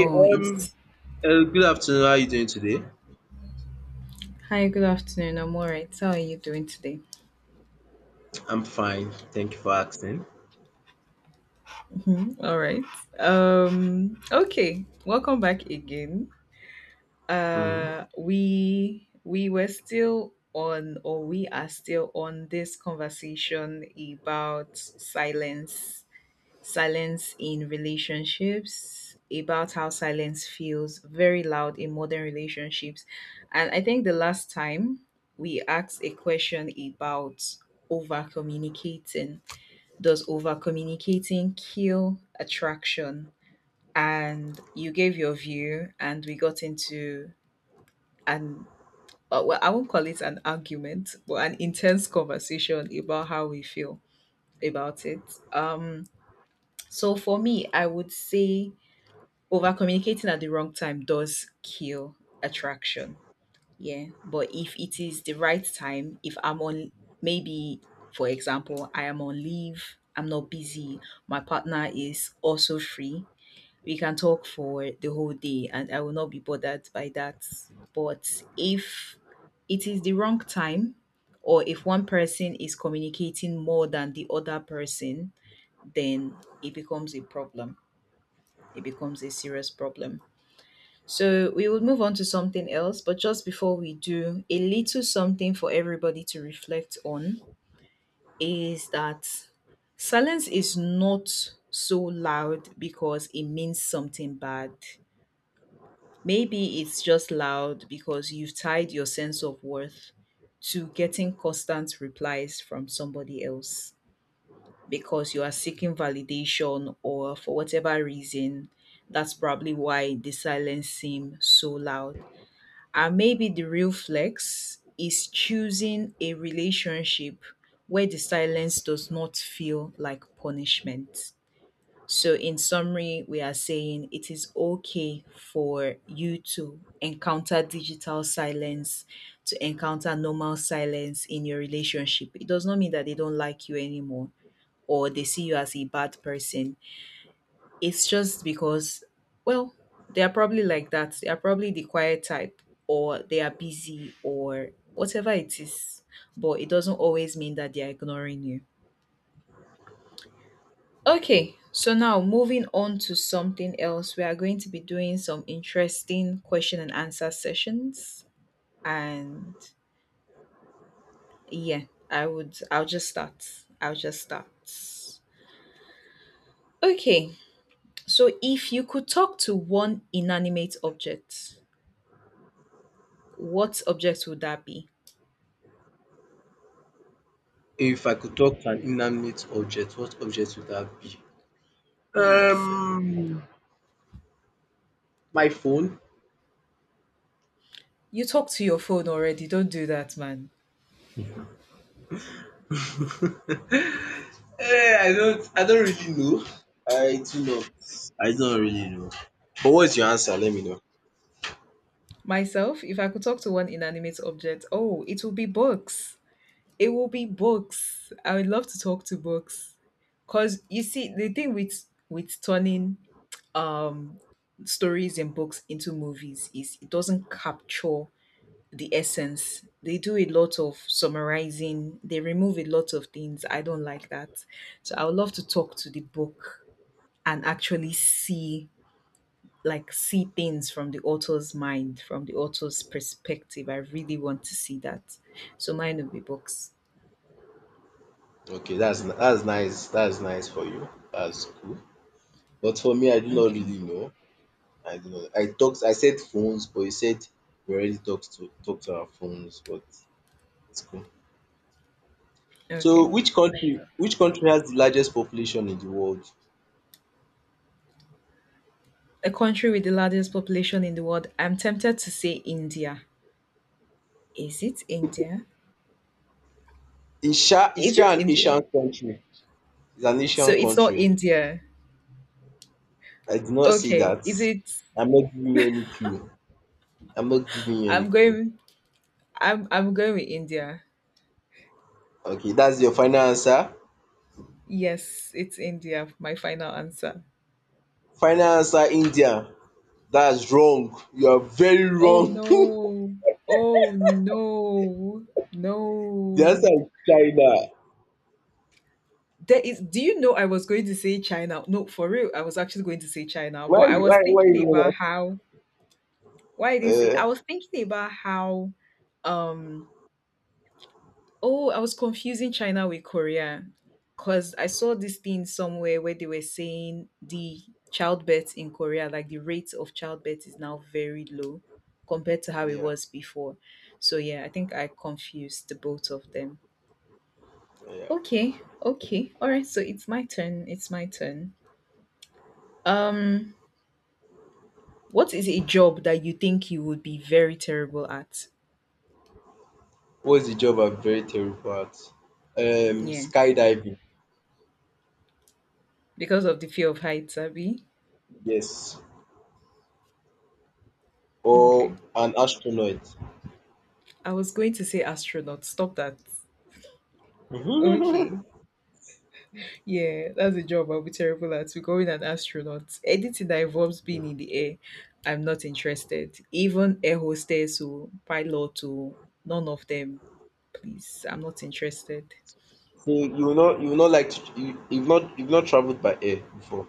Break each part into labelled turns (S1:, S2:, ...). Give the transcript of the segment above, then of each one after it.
S1: Okay,
S2: Oh, it's
S1: good afternoon. How are you doing today?
S2: hi, good afternoon. I'm all right. How are you doing today?
S1: I'm fine. Thank you for asking.
S2: Mhm, all right. Okay. Welcome back again.
S1: Mm.
S2: We were still on, or we are still on this conversation about silence, silence in relationships, about how silence feels very loud in modern relationships. And I think the last time we asked a question about over communicating, does over communicating kill attraction? And you gave your view and we got into an well I won't call it an argument but an intense conversation about how we feel about it. So for me I would say over communicating at the wrong time does kill attraction. Yeah. But if it is the right time, if I'm on, maybe, for example, I am on leave, I'm not busy, my partner is also free, we can talk for the whole day and I will not be bothered by that. But if it is the wrong time, or if one person is communicating more than the other person, then it becomes a problem. It becomes a serious problem. So we will move on to something else, but just before we do, a little something for everybody to reflect on is that silence is not so loud because it means something bad. Maybe it's just loud because you've tied your sense of worth to getting constant replies from somebody else because you are seeking validation or for whatever reason. That's probably why the silence seems so loud. And maybe the real flex is choosing a relationship where the silence does not feel like punishment. So, in summary, we are saying it is okay for you to encounter digital silence, to encounter normal silence in your relationship. It does not mean that they don't like you anymore or they see you as a bad person. It's just because, well, they are probably like that. They are probably the quiet type, or they are busy, or whatever it is. But it doesn't always mean that they are ignoring you. Okay, so now moving on to something else, we are going to be doing some interesting question and answer sessions. And yeah, I'll just start. I'll just start. Okay, so if you could talk to one inanimate object, what object would that be?
S1: If I could talk to an inanimate object, what object would that be?
S2: Yes.
S1: Um, my phone.
S2: You talk to your phone already. Don't do that, man.
S1: Eh, I don't. I don't really know. I do not. I don't really know. But what's your answer? Let me know.
S2: Myself, if I could talk to one inanimate object, oh, it will be books. It will be books. I would love to talk to books. Cause you see, the thing with turning um stories and books into movies is it doesn't capture the essence. They do a lot of summarizing, they remove a lot of things. I don't like that. So I would love to talk to the book and actually see see things from the author's mind, from the author's perspective. I really want to see that. So mine would be books.
S1: Okay, that's nice. That's nice for you. That's cool. But for me, I do not
S2: Okay.
S1: really know. I don't know. I talked. I said phones, but you said we already talked to our phones. But it's cool. So,
S2: Okay.
S1: which country? Which country has the largest population in the world?
S2: A country with the largest population in the world. I'm tempted to say India. Is it India?
S1: Is Sha is
S2: Is
S1: Sha
S2: it
S1: an
S2: India?
S1: Asian country? It's an
S2: So
S1: Asian
S2: it's not
S1: country.
S2: India.
S1: I did not say
S2: Okay.
S1: that.
S2: Is it
S1: I'm not giving you any clue. I'm not giving you any
S2: I'm
S1: clue.
S2: going I'm going with India.
S1: Okay, that's your final answer.
S2: Yes, it's India, my final answer.
S1: Final answer, India. That's wrong. You are very
S2: Oh
S1: wrong.
S2: no. Oh no.
S1: The answer
S2: No.
S1: is China.
S2: There is do you know I was going to say China? No, for real, I was actually going to say China,
S1: Why?
S2: but I was
S1: Why? Why?
S2: thinking about
S1: You
S2: how why I didn't say
S1: that?
S2: I was thinking about how um oh, I was confusing China with Korea because I saw this thing somewhere where they were saying the childbirth in Korea, like the rate of childbirth is now very low compared to how it
S1: Yeah.
S2: was before. So yeah, I think I confused the both of them.
S1: Yeah.
S2: Okay, okay. All right, so it's my turn. It's my turn. Um What is a job that you think you would be very terrible at?
S1: What's the job I'm very terrible at? Um,
S2: Yeah,
S1: skydiving,
S2: because of the fear of heights, Abby.
S1: yes,
S2: Okay.
S1: or an astronaut.
S2: I was going to say astronaut. Stop that. Okay. Yeah, that's a job I'll be terrible at. Becoming an astronaut. Anything that involves being in the air, I'm not interested. Even air hostess or pilot or none of them. Please, I'm not interested.
S1: So you will not like, to, you've not traveled by air before,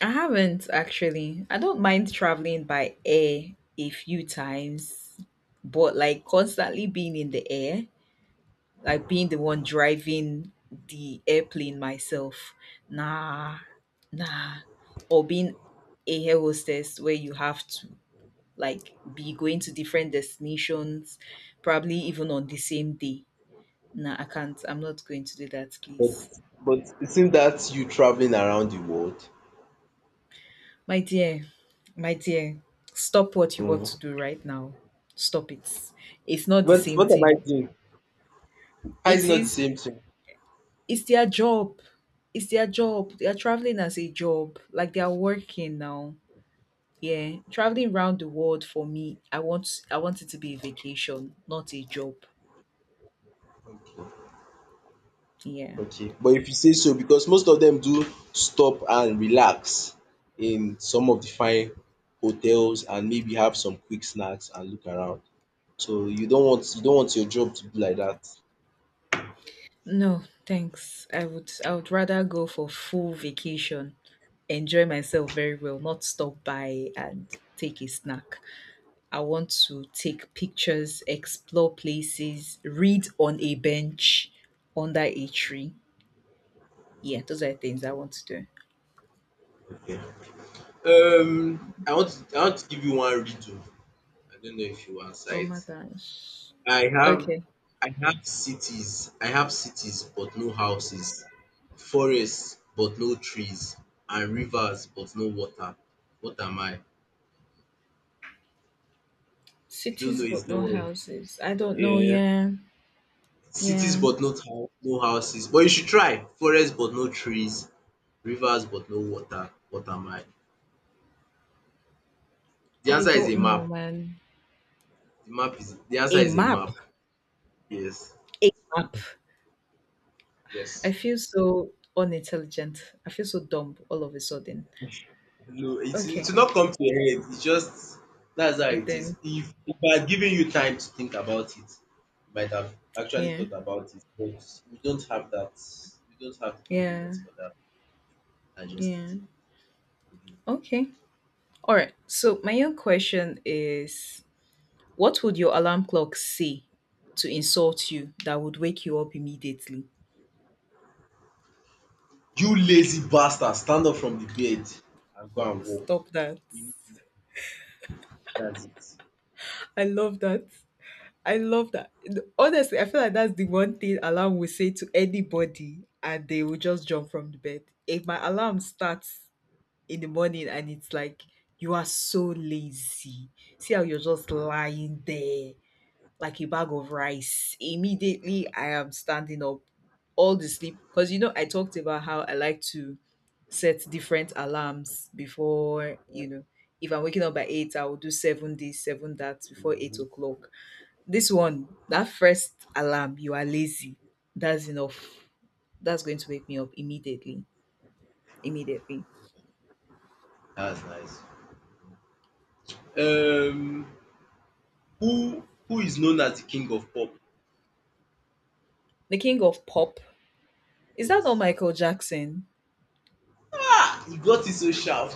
S2: I haven't actually. I don't mind traveling by air a few times, but like constantly being in the air, like being the one driving the airplane myself. Nah, nah. Or being a air hostess where you have to like be going to different destinations, probably even on the same day. Nah, I can't. I'm not going to do that, please.
S1: but but it seems that's you traveling around the world.
S2: My dear, my dear, stop what you want
S1: Mm.
S2: to do right now. Stop it. It's not the
S1: But
S2: same
S1: what am I
S2: thing.
S1: doing? How is it
S2: It
S1: not the
S2: is,
S1: same thing?
S2: it's their job. It's their job. They are traveling as a job. Like they are working now. Yeah. Traveling around the world for me, I want it to be a vacation, not a job.
S1: Okay.
S2: Yeah.
S1: Okay, but if you say so, because most of them do stop and relax in some of the fine hotels and maybe have some quick snacks and look around. So you don't want, you don't want your job to be like that.
S2: No, thanks. I would rather go for full vacation, enjoy myself very well, not stop by and take a snack. I want to take pictures, explore places, read on a bench under a tree. Yeah, those are the things I want to do.
S1: Okay. I want to, I want to give you one riddle. I don't know if you answer
S2: Oh
S1: it.
S2: my gosh.
S1: I have,
S2: Okay.
S1: I have cities but no houses, forests but no trees, and rivers but no water. What am I? You don't
S2: Cities
S1: know. It's
S2: but no
S1: don't.
S2: houses. I don't know.
S1: Yeah.
S2: Yeah.
S1: Cities
S2: Yeah.
S1: but no houses. But you should try. Forest but no trees. Rivers but no water. What am I? The
S2: I
S1: answer is a
S2: don't know,
S1: map.
S2: man.
S1: The answer
S2: A
S1: is a
S2: map.
S1: map. Yes.
S2: A map. I
S1: Yes.
S2: feel so unintelligent. I feel so dumb all of a sudden.
S1: No, it
S2: Okay.
S1: will not come to your head. It's just that's how
S2: It
S1: it is.
S2: then.
S1: If I had given you time to think about it, you might have actually
S2: Yeah.
S1: thought about it. But we don't have that. We don't have the
S2: Yeah.
S1: convenience for that. I
S2: Yeah.
S1: just.
S2: Okay. All right. So my own question is, what would your alarm clock say to insult you that would wake you up immediately?
S1: You lazy bastard, stand up from the bed and go and walk.
S2: Stop that.
S1: That's it.
S2: I love that. I love that. Honestly, I feel like that's the one thing alarm will say to anybody and they will just jump from the bed. If my alarm starts in the morning and it's like, you are so lazy. See how you're just lying there, like a bag of rice. Immediately, I am standing up. All the sleep, because you know, I talked about how I like to set different alarms before, you know, if I'm waking up by 8, I will do 7 this, 7 that before 8 o'clock. This one, that first alarm, you are lazy. That's enough. That's going to wake me up immediately. Immediately.
S1: That's nice. Um, who is known as the king of pop?
S2: The king of pop. Is that not
S1: Yes.
S2: Michael Jackson?
S1: Ah, you got it so sharp.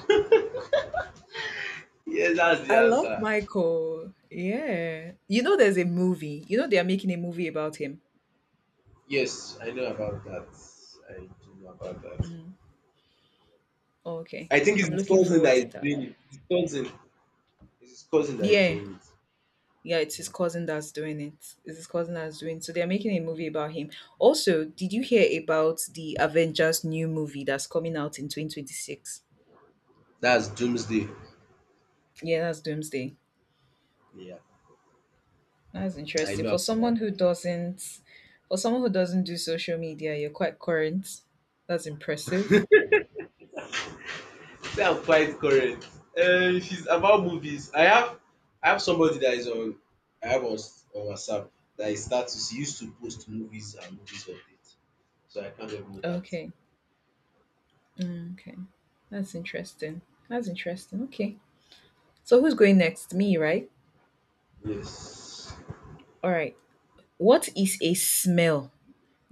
S1: Yes, that's the
S2: I love
S1: answer.
S2: Michael. Yeah. You know, there's a movie. You know, they are making a movie about him.
S1: Yes, I know about that. I do know about that.
S2: Mm. Oh, okay.
S1: I think it's
S2: I'm
S1: his
S2: looking
S1: cousin
S2: forward
S1: that
S2: to
S1: is
S2: that.
S1: doing it. His cousin. It's his cousin that is
S2: Yeah.
S1: doing it.
S2: Yeah, it's his
S1: Yeah.
S2: cousin that's doing it. It's his cousin that's doing, so they're making a movie about him. Also, did you hear about the Avengers new movie that's coming out in 2026?
S1: That's Doomsday.
S2: Yeah, that's Doomsday.
S1: Yeah,
S2: That's
S1: I
S2: interesting.
S1: know about that.
S2: For someone who doesn't do social media, you're quite current. That's impressive.
S1: They are quite correct. If it's about movies, I have, I have somebody that is on, I have on s- on WhatsApp that is status. He used to post movies and movies update. So I can't ignore that.
S2: Okay. Mm, okay. That's interesting. That's interesting. Okay. So who's going next? Me, right?
S1: Yes.
S2: All right. What is a smell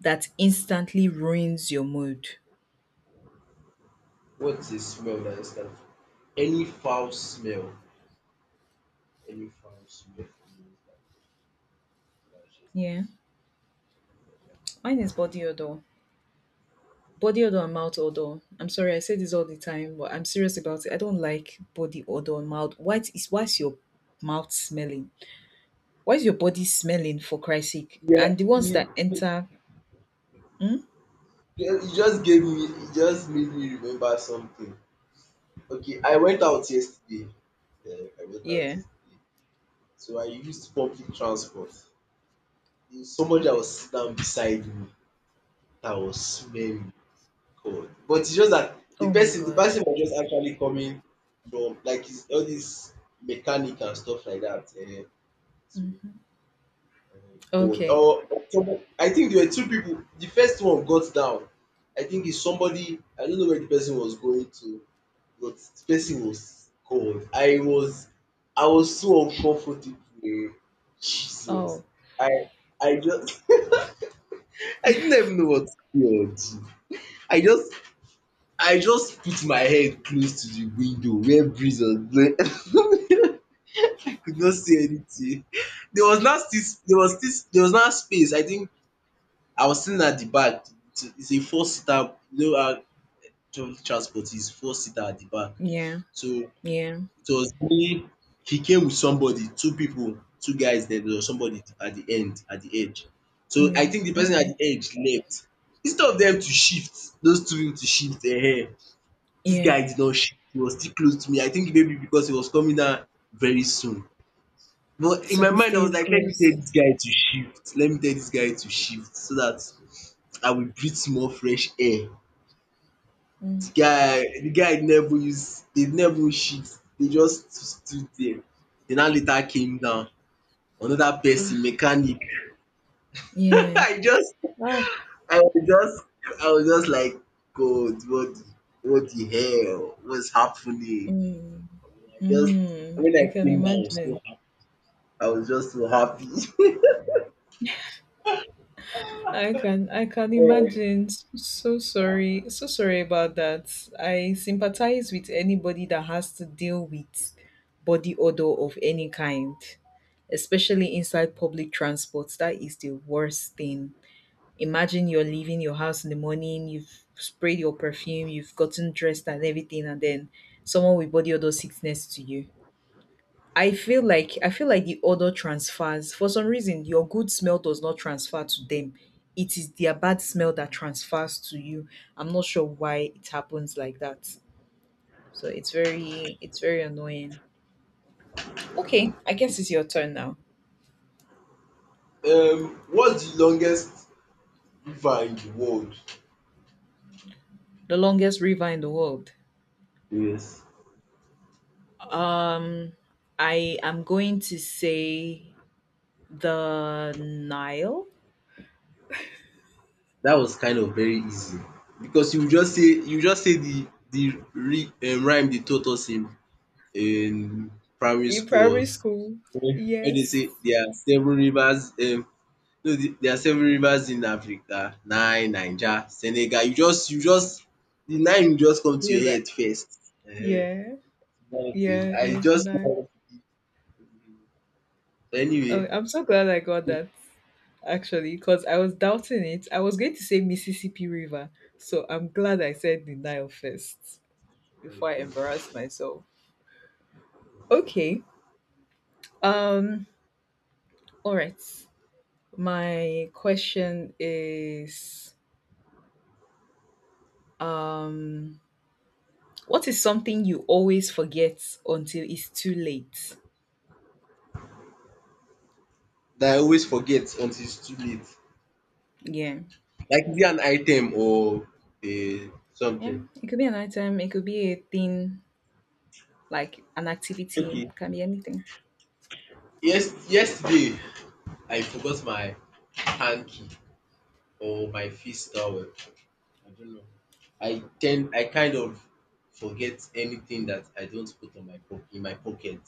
S2: that instantly ruins your mood?
S1: What's a smell that I stand for? Any foul smell. Any foul smell for me is like, that's just.
S2: Yeah. Mine is body odor. Body odor and mouth odor. I'm sorry, I say this all the time, but I'm serious about it. I don't like body odor and mouth. What is why's your mouth smelling? Why is your body smelling for Christ's sake?
S1: Yeah,
S2: And the ones
S1: you,
S2: that
S1: you
S2: enter, hmm?
S1: you just gave me, you just made me remember something. Okay, I went out yesterday. Yeah, I went out
S2: Yeah.
S1: yesterday. So I used public transport. There's somebody that was sit down beside me that was smelling. God. But it's just that the
S2: Oh my
S1: person the
S2: god.
S1: person was just actually coming from like his all this mechanic and stuff like that. um so
S2: Mm-hmm.
S1: um God.
S2: Okay.
S1: Or someone, I think there were two people. The first one got down. I think it's somebody. I don't know where the person was going to. But the person was God. I was so uncomfortable um. Jesus.
S2: Oh,
S1: I I just. I didn't even know what to say or do. Oh, gee. I just, I just put my head close to the window where breeze was blowing. Could not see anything. There was not, still there was this, there was not space. I think I was sitting at the back. It's a four seater. You know how public transport is four seater at the back.
S2: yeah.
S1: So it
S2: Yeah.
S1: was me. He came with somebody, two people, two guys there, there was somebody at the end, at the edge. So I
S2: Yeah,
S1: think the person at
S2: okay.
S1: the edge left. Instead of them to shift, those two people to shift their hair. This
S2: Yeah.
S1: guy did not shift, he was still close to me. I think maybe because he was coming down very soon. But in
S2: So
S1: my
S2: he
S1: mind I was
S2: stays
S1: like, let me
S2: close.
S1: tell this guy to shift, let me tell this guy to shift so that I will breathe more fresh air. The
S2: Mm.
S1: guy the guy never use, they never even shit, dey just stood there. Dey now later came down, another person
S2: Ah,
S1: mechanic.
S2: yeah.
S1: I just
S2: Ah,
S1: I was just I was just like, God, what the, what the hell, what's happening?
S2: mm.
S1: I just.
S2: Mm.
S1: When
S2: I
S1: I
S2: can
S1: came down I was
S2: imagine.
S1: so happy, I was just so happy.
S2: I can imagine. S- So sorry. So sorry about that. I sympathize with anybody that has to deal with body odor of any kind, especially inside public transport. That is the worst thing. Imagine you're leaving your house in the morning, you've sprayed your perfume, you've gotten dressed and everything, and then someone will body odor sickness to you. I feel like the odor transfers. For some reason, your good smell does not transfer to them. It is their bad smell that transfers to you. I'm not sure why it happens like that. So it's very annoying. Okay, I guess it's your turn now.
S1: What's the longest river in the world?
S2: The longest river in the world.
S1: Yes.
S2: Um I am going to say the Nile?
S1: That was kind of very easy, because you just say, you just say the re rhyme they taught us in primary
S2: In primary
S1: school
S2: school.
S1: where they say
S2: Yes.
S1: there are seven rivers, no, there are seven rivers in Africa: Nile, Niger, Senegal. You just The nine will just come to
S2: Yeah,
S1: your
S2: that,
S1: head first. Ehen,
S2: yeah,
S1: that is,
S2: yeah. It
S1: I
S2: was the
S1: just.
S2: Nile.
S1: Anyway.
S2: Oh, I'm so glad I got that actually, because I was doubting it. I was going to say Mississippi River, so I'm glad I said the Nile first before I
S1: Okay,
S2: embarrassed myself. Okay. Um. All right. My question is, um, what is something you always forget until it's too late?
S1: that I always forget until it's too late.
S2: Yeah.
S1: Like, is it an item or a
S2: Yeah,
S1: something?
S2: it could be an item, it could be a thing, like an activity,
S1: Okay.
S2: can be anything.
S1: Yes, yesterday I forgot my hanky or my face towel. I don't know. I kind of forget anything that I don't put on my po in my pocket.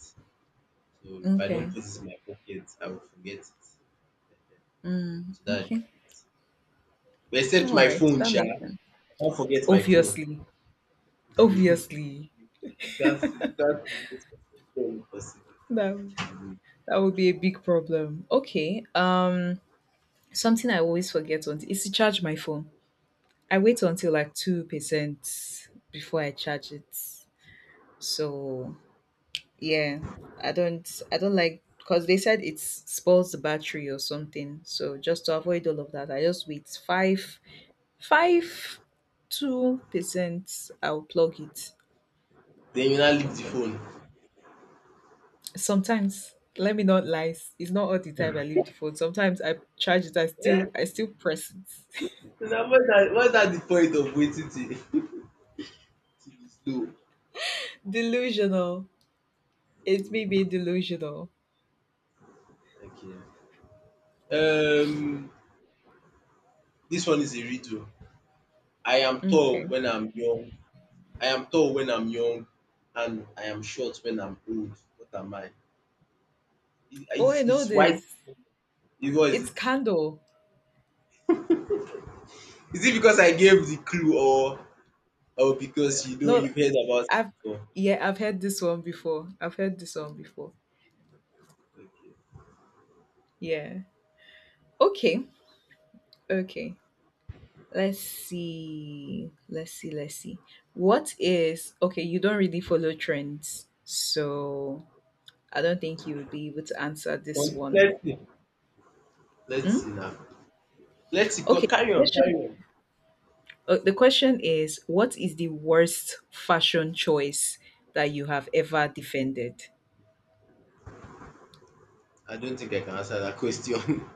S1: So if I don't
S2: Okay.
S1: put it in my pocket, I will forget it.
S2: Mm,
S1: So that's just it.
S2: okay.
S1: But except
S2: All
S1: my
S2: right.
S1: phone
S2: That
S1: sha,
S2: makes
S1: I
S2: sense.
S1: can't forget my phone.
S2: Obviously.
S1: You
S2: Obviously.
S1: can't you can't forget your phone. It's not possible.
S2: That
S1: Mhm.
S2: that would be a big problem. Okay. Something I always forget on is to charge my phone. I wait until like 2% before I charge it. So, yeah, I don't like because they said it spoils the battery or something. So just to avoid all of that, I just wait five five two percent, I'll plug it.
S1: Then you now leave the
S2: Something
S1: phone.
S2: Sometimes, let me not lie, it's not all the time. I leave the phone, sometimes I charge it. I still
S1: Eh,
S2: i still press it.
S1: now, what's that, what's that the point of waiting till, till it's low?
S2: Delusional. It's me being delusional.
S1: Okay. Um, this one is a riddle. I am tall
S2: Okay.
S1: when I'm young. I am tall when I'm young, and I am short when I'm old. What am I? It-
S2: Oh, I
S1: It's,
S2: know
S1: it's white.
S2: this.
S1: What is
S2: It's
S1: it?
S2: candle.
S1: Is it because I gave the clue, or because you know,
S2: No
S1: you've heard about it
S2: I've
S1: before?
S2: yeah, I've heard this one before. I've heard this one before. Yeah. Okay. Okay. Let's see. Let's see. Let's see. What is okay? You don't really follow trends, so I don't think you would be able to answer
S1: Okay.
S2: this one.
S1: Let's see. Let's
S2: Hmm?
S1: see now. Let's see. Go,
S2: Okay.
S1: carry on.
S2: Question.
S1: Carry on.
S2: The question is, what is the worst fashion choice that you have ever defended?
S1: I don't think I can answer that question.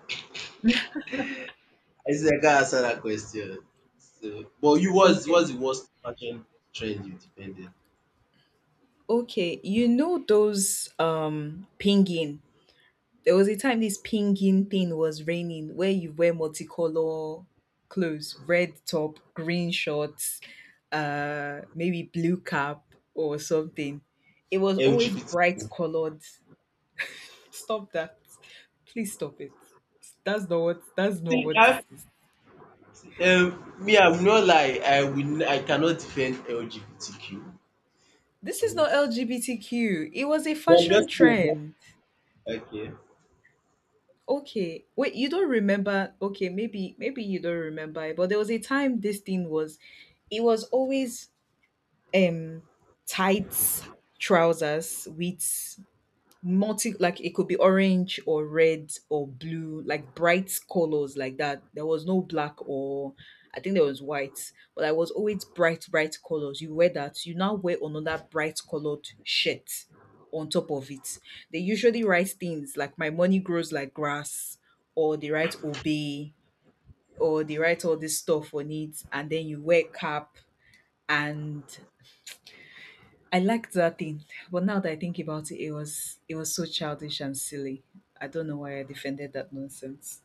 S1: I said I can't answer that question. So, but you was,
S2: Okay.
S1: what's the worst fashion trend you defended?
S2: Okay. You know those pinging. There was a time this pinging thing was raining where you wear multicolor clothes, red top, green shorts, maybe blue cap or something. It was always bright
S1: LGBTQ.
S2: colored. Stop that. Please stop it. That's not
S1: See,
S2: what this is.
S1: me, I'm not like I will. I cannot defend LGBTQ.
S2: This
S1: I
S2: is
S1: won't.
S2: not LGBTQ. It was a
S1: But I'm
S2: fashion
S1: just saying.
S2: trend.
S1: Okay.
S2: Okay. Wait, you don't remember. Okay, maybe you don't remember it, but there was a time this thing was it was always um tights, trousers with multi like it could be orange or red or blue, like bright colors like that. There was no black, or I think there was white, but I was always bright, bright colors. You wear that, you now wear another bright colored shirt on top of it. They usually write things like my money grows like grass, or they write obey, or they write all this stuff on it, and then you wear cap, and I liked that thing. But now that I think about it, it was so childish and silly. I don't know why I defended that nonsense.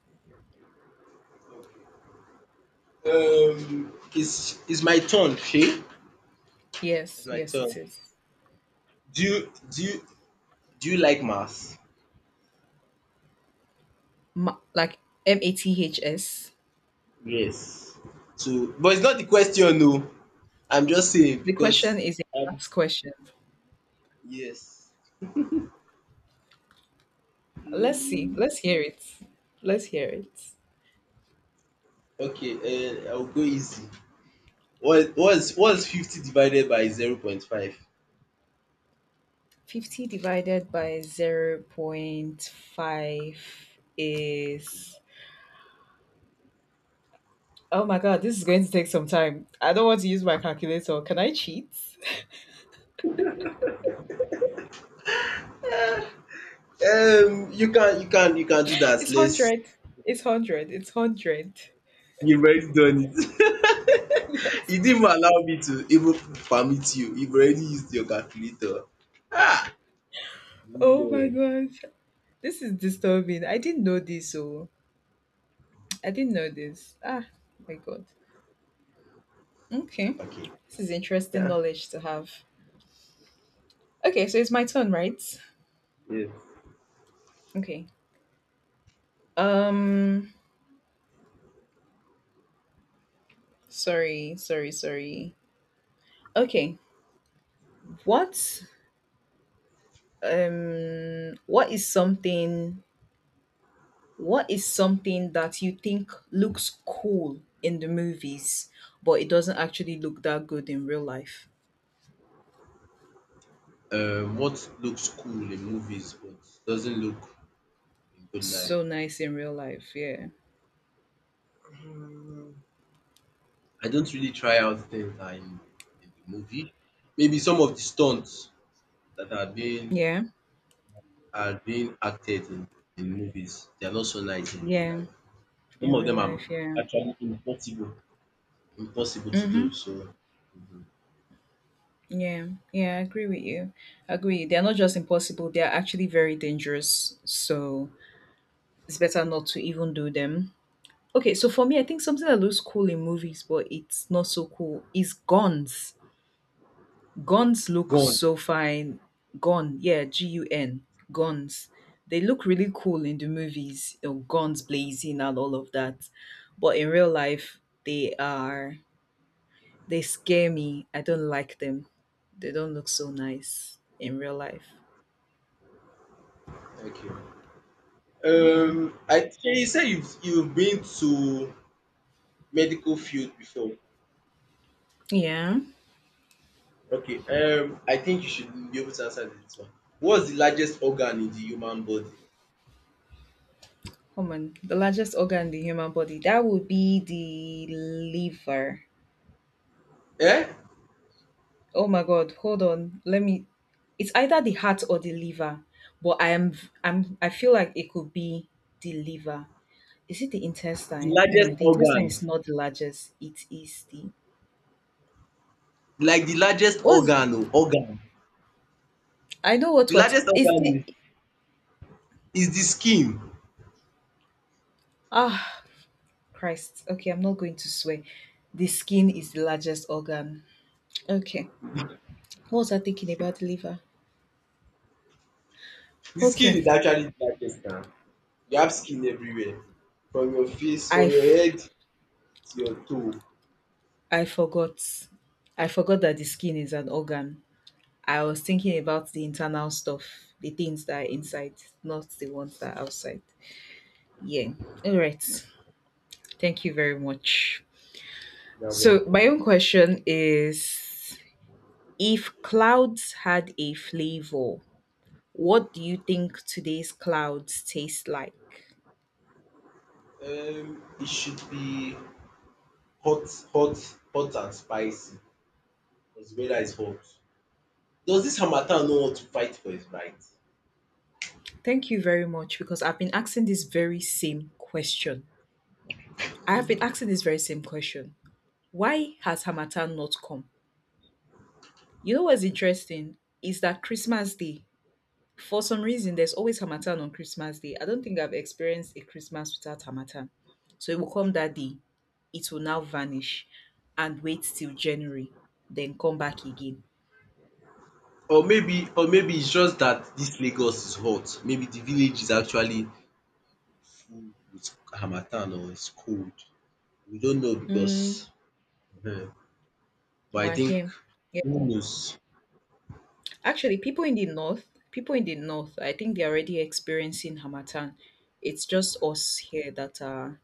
S1: It's my turn. Okay, it's
S2: Yes,
S1: my
S2: yes, it
S1: turn.
S2: is.
S1: Do you do you do you like maths?
S2: Like maths.
S1: Yes. So, but it's not the question. No, I'm just saying,
S2: The question
S1: because.
S2: is a
S1: Um,
S2: maths question.
S1: yes.
S2: Let's see.
S1: Mm.
S2: Let's hear it. Let's hear it.
S1: Okay, I'll go easy. What is 50 divided by 0.5?
S2: 50 divided by 0.5 is. Oh my god, this is going to take some time. I don't want to use my calculator. Can I cheat?
S1: You can do that.
S2: It's one
S1: Let's.
S2: hundred. It's 100. It's 100.
S1: You've already done it.
S2: Yes.
S1: You didn't even allow me to even permit you. You've already used your calculator.
S2: Oh my
S1: Women.
S2: gosh. This is disturbing. I didn't know this. Oh, I didn't know this. Ah, my God. Okay.
S1: Okay.
S2: This is interesting
S1: Yeah.
S2: knowledge to have. Okay, so it's my turn, right?
S1: Yes.
S2: Okay. Um Sorry, sorry, sorry. Okay. What um what is something what is something that you think looks cool in the movies, but it doesn't actually look that good in real life?
S1: What looks cool in movies but doesn't look in real life?
S2: So nice in real life, yeah.
S1: I don't really try out things that are in the movie. Maybe some of the stunts that are being
S2: Yeah.
S1: are being acted in movies. They are not so nice in real
S2: Yeah,
S1: life. Some
S2: in
S1: of
S2: real
S1: them are
S2: life, yeah.
S1: actually impossible, impossible to do.
S2: Mhm.
S1: So, mhm.
S2: Yeah. Yeah, I agree with you. I agree. They're not just impossible, they're actually very dangerous. So, it's better not to even do them. Okay, so for me, I think something that looks cool in movies but it's not so cool is guns. Guns look
S1: Go on.
S2: so fine. Gun, yeah, gun. Guns. They look really cool in the movies, guns blazing and all of that. But in real life, they are they scare me. I don't like them. They don't look so nice in real life.
S1: Okay.
S2: Yeah.
S1: I think you said you've been to medical field before.
S2: Yeah.
S1: Okay. I think you should be able to answer this one. What's the largest organ in the human body?
S2: Come on. The largest organ in the human body. That would be the liver.
S1: Eh?
S2: Oh my god, hold on. Let me It's either the heart or the liver. But I am I'm I feel like it could be the liver. Is it the
S1: The
S2: intestine?
S1: largest
S2: No, the intestine
S1: organ.
S2: is not the largest. It is the
S1: Like the largest
S2: what
S1: organ, oh, organ.
S2: I know
S1: The
S2: what
S1: largest
S2: is the
S1: organ is the skin.
S2: ah Christ. Okay, I'm not going to swear. The skin is the largest organ. Okay. What was I thinking about the liver?
S1: The skin
S2: Okay.
S1: is actually the darkest now. You have skin everywhere, from your face,
S2: I,
S1: from your
S2: f-
S1: head to your toe.
S2: I forgot. I forgot that the skin is an organ. I was thinking about the internal stuff, the things that are inside, not the ones that are outside. Yeah. All right. Thank you very much.
S1: You are
S2: So, my
S1: welcome.
S2: own question is, if clouds had a flavor, what do you think today's clouds taste like?
S1: It should be hot, hot, hot and spicy, because the weather is hot. Does this harmattan no want to fight for his right?
S2: Thank you very much because I've been asking this very same question. I have been asking this very same question. Why has Hamatan not come? You know what's interesting is that Christmas Day, for some reason, there's always Hamatan on Christmas Day. I don't think I've experienced a Christmas without Hamatan. So it will come that day, it will now vanish and wait till January, then come back again.
S1: Or maybe it's just that this Lagos is hot. Maybe the village is actually full with harmattan, or it's cold. We don't know, because,
S2: Mm,
S1: um but I
S2: we're
S1: think,
S2: here.
S1: who knows?
S2: Actually, people in the north, people in the north, I think they're already experiencing Hamatan. It's just us here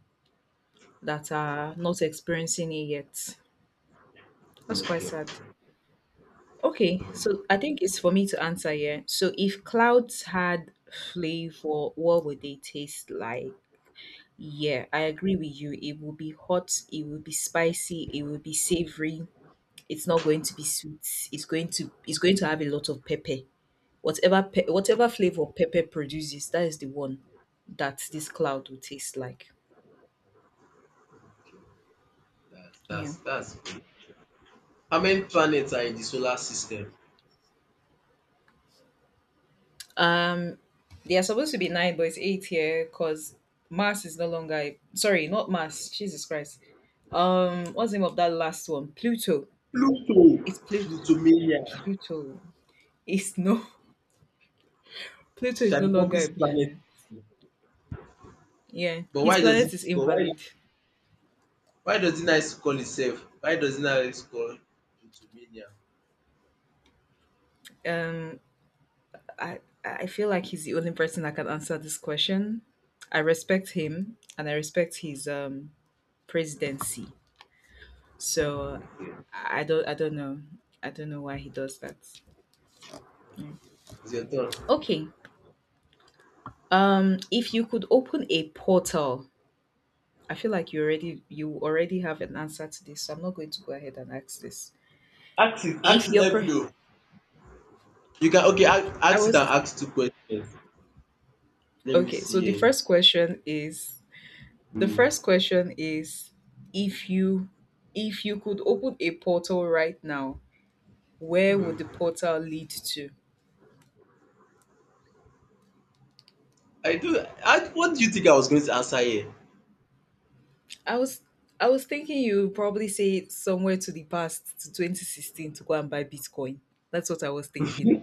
S2: that are not experiencing it yet. That's quite
S1: Okay.
S2: sad. Okay, so I think it's for me to answer here. So if clouds had flavor, what would they taste like? Yeah, I agree with you. It will be hot, it will be spicy, it will be savory. It's not going to be sweet. It's going to have a lot of pepper. Whatever flavor pepper produces, that is the one that this cloud will taste like.
S1: Okay. That's
S2: Yeah.
S1: that's that's good. How many planets are in the solar system?
S2: Um, they are supposed to be nine, but it's eight here because Mars is no longer. Sorry, not Mars. Jesus Christ. What's the name of that last one? Pluto.
S1: Pluto,
S2: It's Pluto.
S1: Plutomania.
S2: Pluto. It's no. Pluto is no
S1: Shall be
S2: longer a
S1: planet.
S2: planet. Yeah,
S1: But
S2: his
S1: why does
S2: planet
S1: it
S2: is
S1: but why
S2: invalid.
S1: why does it nice call itself? Why does it nice to call Plutomania?
S2: Um, I feel like he's the only person that can answer this question. I respect him and I respect his presidency. So I don't know. I don't know why he does that.
S1: It's your turn.
S2: Okay. If you could open a portal, I feel like you already have an answer to this, so I'm not going to go ahead and ask this.
S1: Ask
S2: If
S1: it,
S2: you're
S1: let me
S2: per-
S1: know. You can, okay, ask,
S2: I
S1: ask it, and
S2: was
S1: ask two questions. Let me
S2: Okay,
S1: see
S2: so the
S1: here.
S2: first question is, the
S1: Hmm.
S2: first question is if you if you could open a portal right now, where would the
S1: Hmm.
S2: portal lead to?
S1: What do you think I was going to answer here?
S2: I was I was thinking you would probably say somewhere to the past to 2016 to go and buy Bitcoin. That's what I was thinking.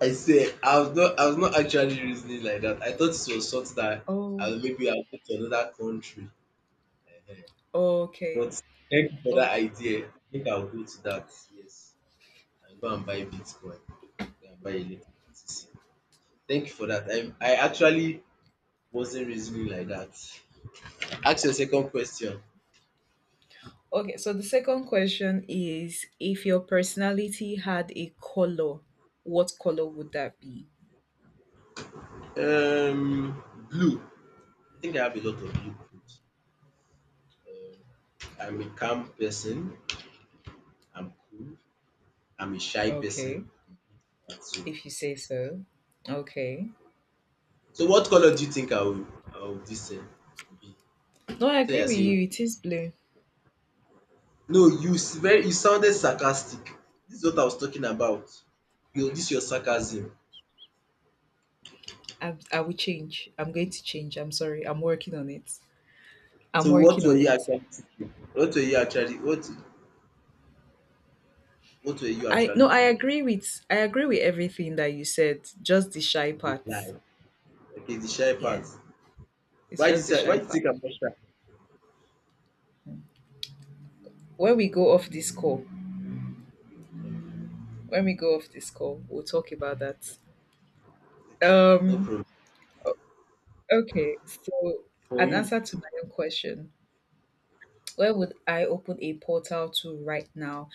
S1: I swear, I was not actually reasoning like that. I thought it was something that I
S2: Oh,
S1: will maybe I'll go to another country. Ehen. But
S2: okay.
S1: thank you for that
S2: Okay.
S1: idea. I think I'll go to that. Yes. And go and buy Bitcoin. Go and buy electricity. Thank you for that. I actually wasn't reasoning like that. Ask your second question.
S2: Okay, so the second question is, if your personality had a color, what color would that be?
S1: Um blue. I think I have a lot of blue codes. Um I'm a calm person. I'm cool. I'm a shy person.
S2: Okay,
S1: I'm good at that. So,
S2: if you say so. Okay.
S1: What color do you think I will this thing be?
S2: No, I
S1: So you
S2: agree
S1: are
S2: with
S1: saying.
S2: you. It is blue.
S1: No, very, you sounded sarcastic. This is what I was talking about. Your sarcasm.
S2: I will change. I'm going to change. I'm sorry. I'm working on it. I'm
S1: So what
S2: working
S1: were
S2: on
S1: you
S2: it.
S1: actually thinking? What were you actually what were you
S2: I
S1: actually
S2: No,
S1: thinking?
S2: I agree with everything that you said. Just the shy
S1: The
S2: part.
S1: guy. Okay, the shy part.
S2: Yeah, it's
S1: Why did you
S2: just the
S1: say
S2: shy
S1: why did you
S2: part.
S1: think I'm not shy?
S2: When we go off this call,
S1: Okay,
S2: when we go off this call, we'll talk about that.
S1: no
S2: Um.
S1: problem.
S2: Okay. So,
S1: For
S2: an
S1: you,
S2: answer to my own question. Where would I open a portal to right now?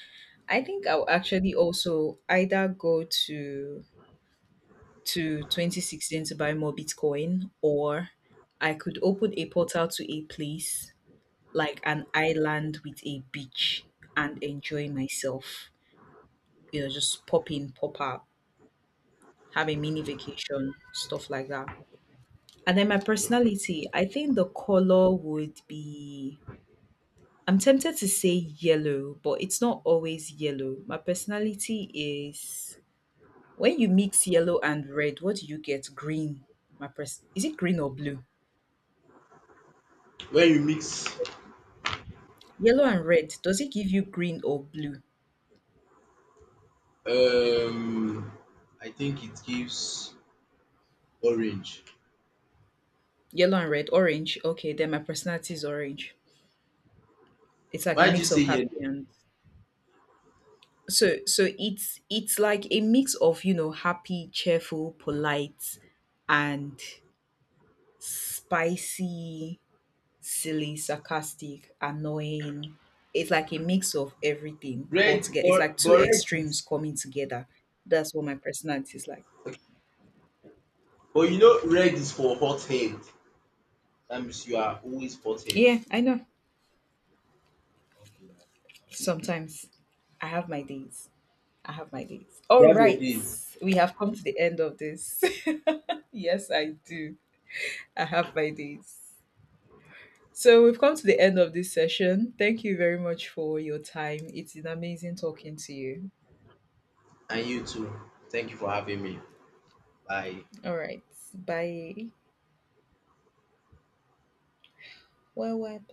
S2: I think I'll actually also either go to 2016 to buy more Bitcoin, or I could open a portal to a place like an island with a beach and enjoy myself. Just pop in, pop out, have a mini vacation, stuff like that. And then my personality, I think the color would be I'm tempted to say yellow, but it's not always yellow. My personality is when you mix yellow and red, what do you get? Green. Is it green or blue?
S1: when you mix,
S2: Yellow and red, does it give you green or blue?
S1: um I think it gives orange.
S2: Yellow and red, orange. Okay, then my personality is orange. It's like a
S1: Why did you
S2: mix
S1: say
S2: of
S1: yellow?
S2: happy and so it's like a mix of, happy, cheerful, polite and spicy, silly, sarcastic, annoying. It's like a mix of everything all
S1: Red
S2: together. It's
S1: or
S2: like two
S1: but red
S2: extremes coming together. That's what my personality is like.
S1: But you know red is for hot head. That means you are always hot head.
S2: Yeah, I know.
S1: Okay, now, no problem.
S2: Sometimes I have my days. I have my days. All
S1: Your
S2: right.
S1: days.
S2: We have come to the end of this. Yes, I do. I have my days. So we've come to the end of this session. Thank you very much for your time. It's been amazing talking to you.
S1: And you too. Thank you for having me. Bye.
S2: All right. Bye. Well, well.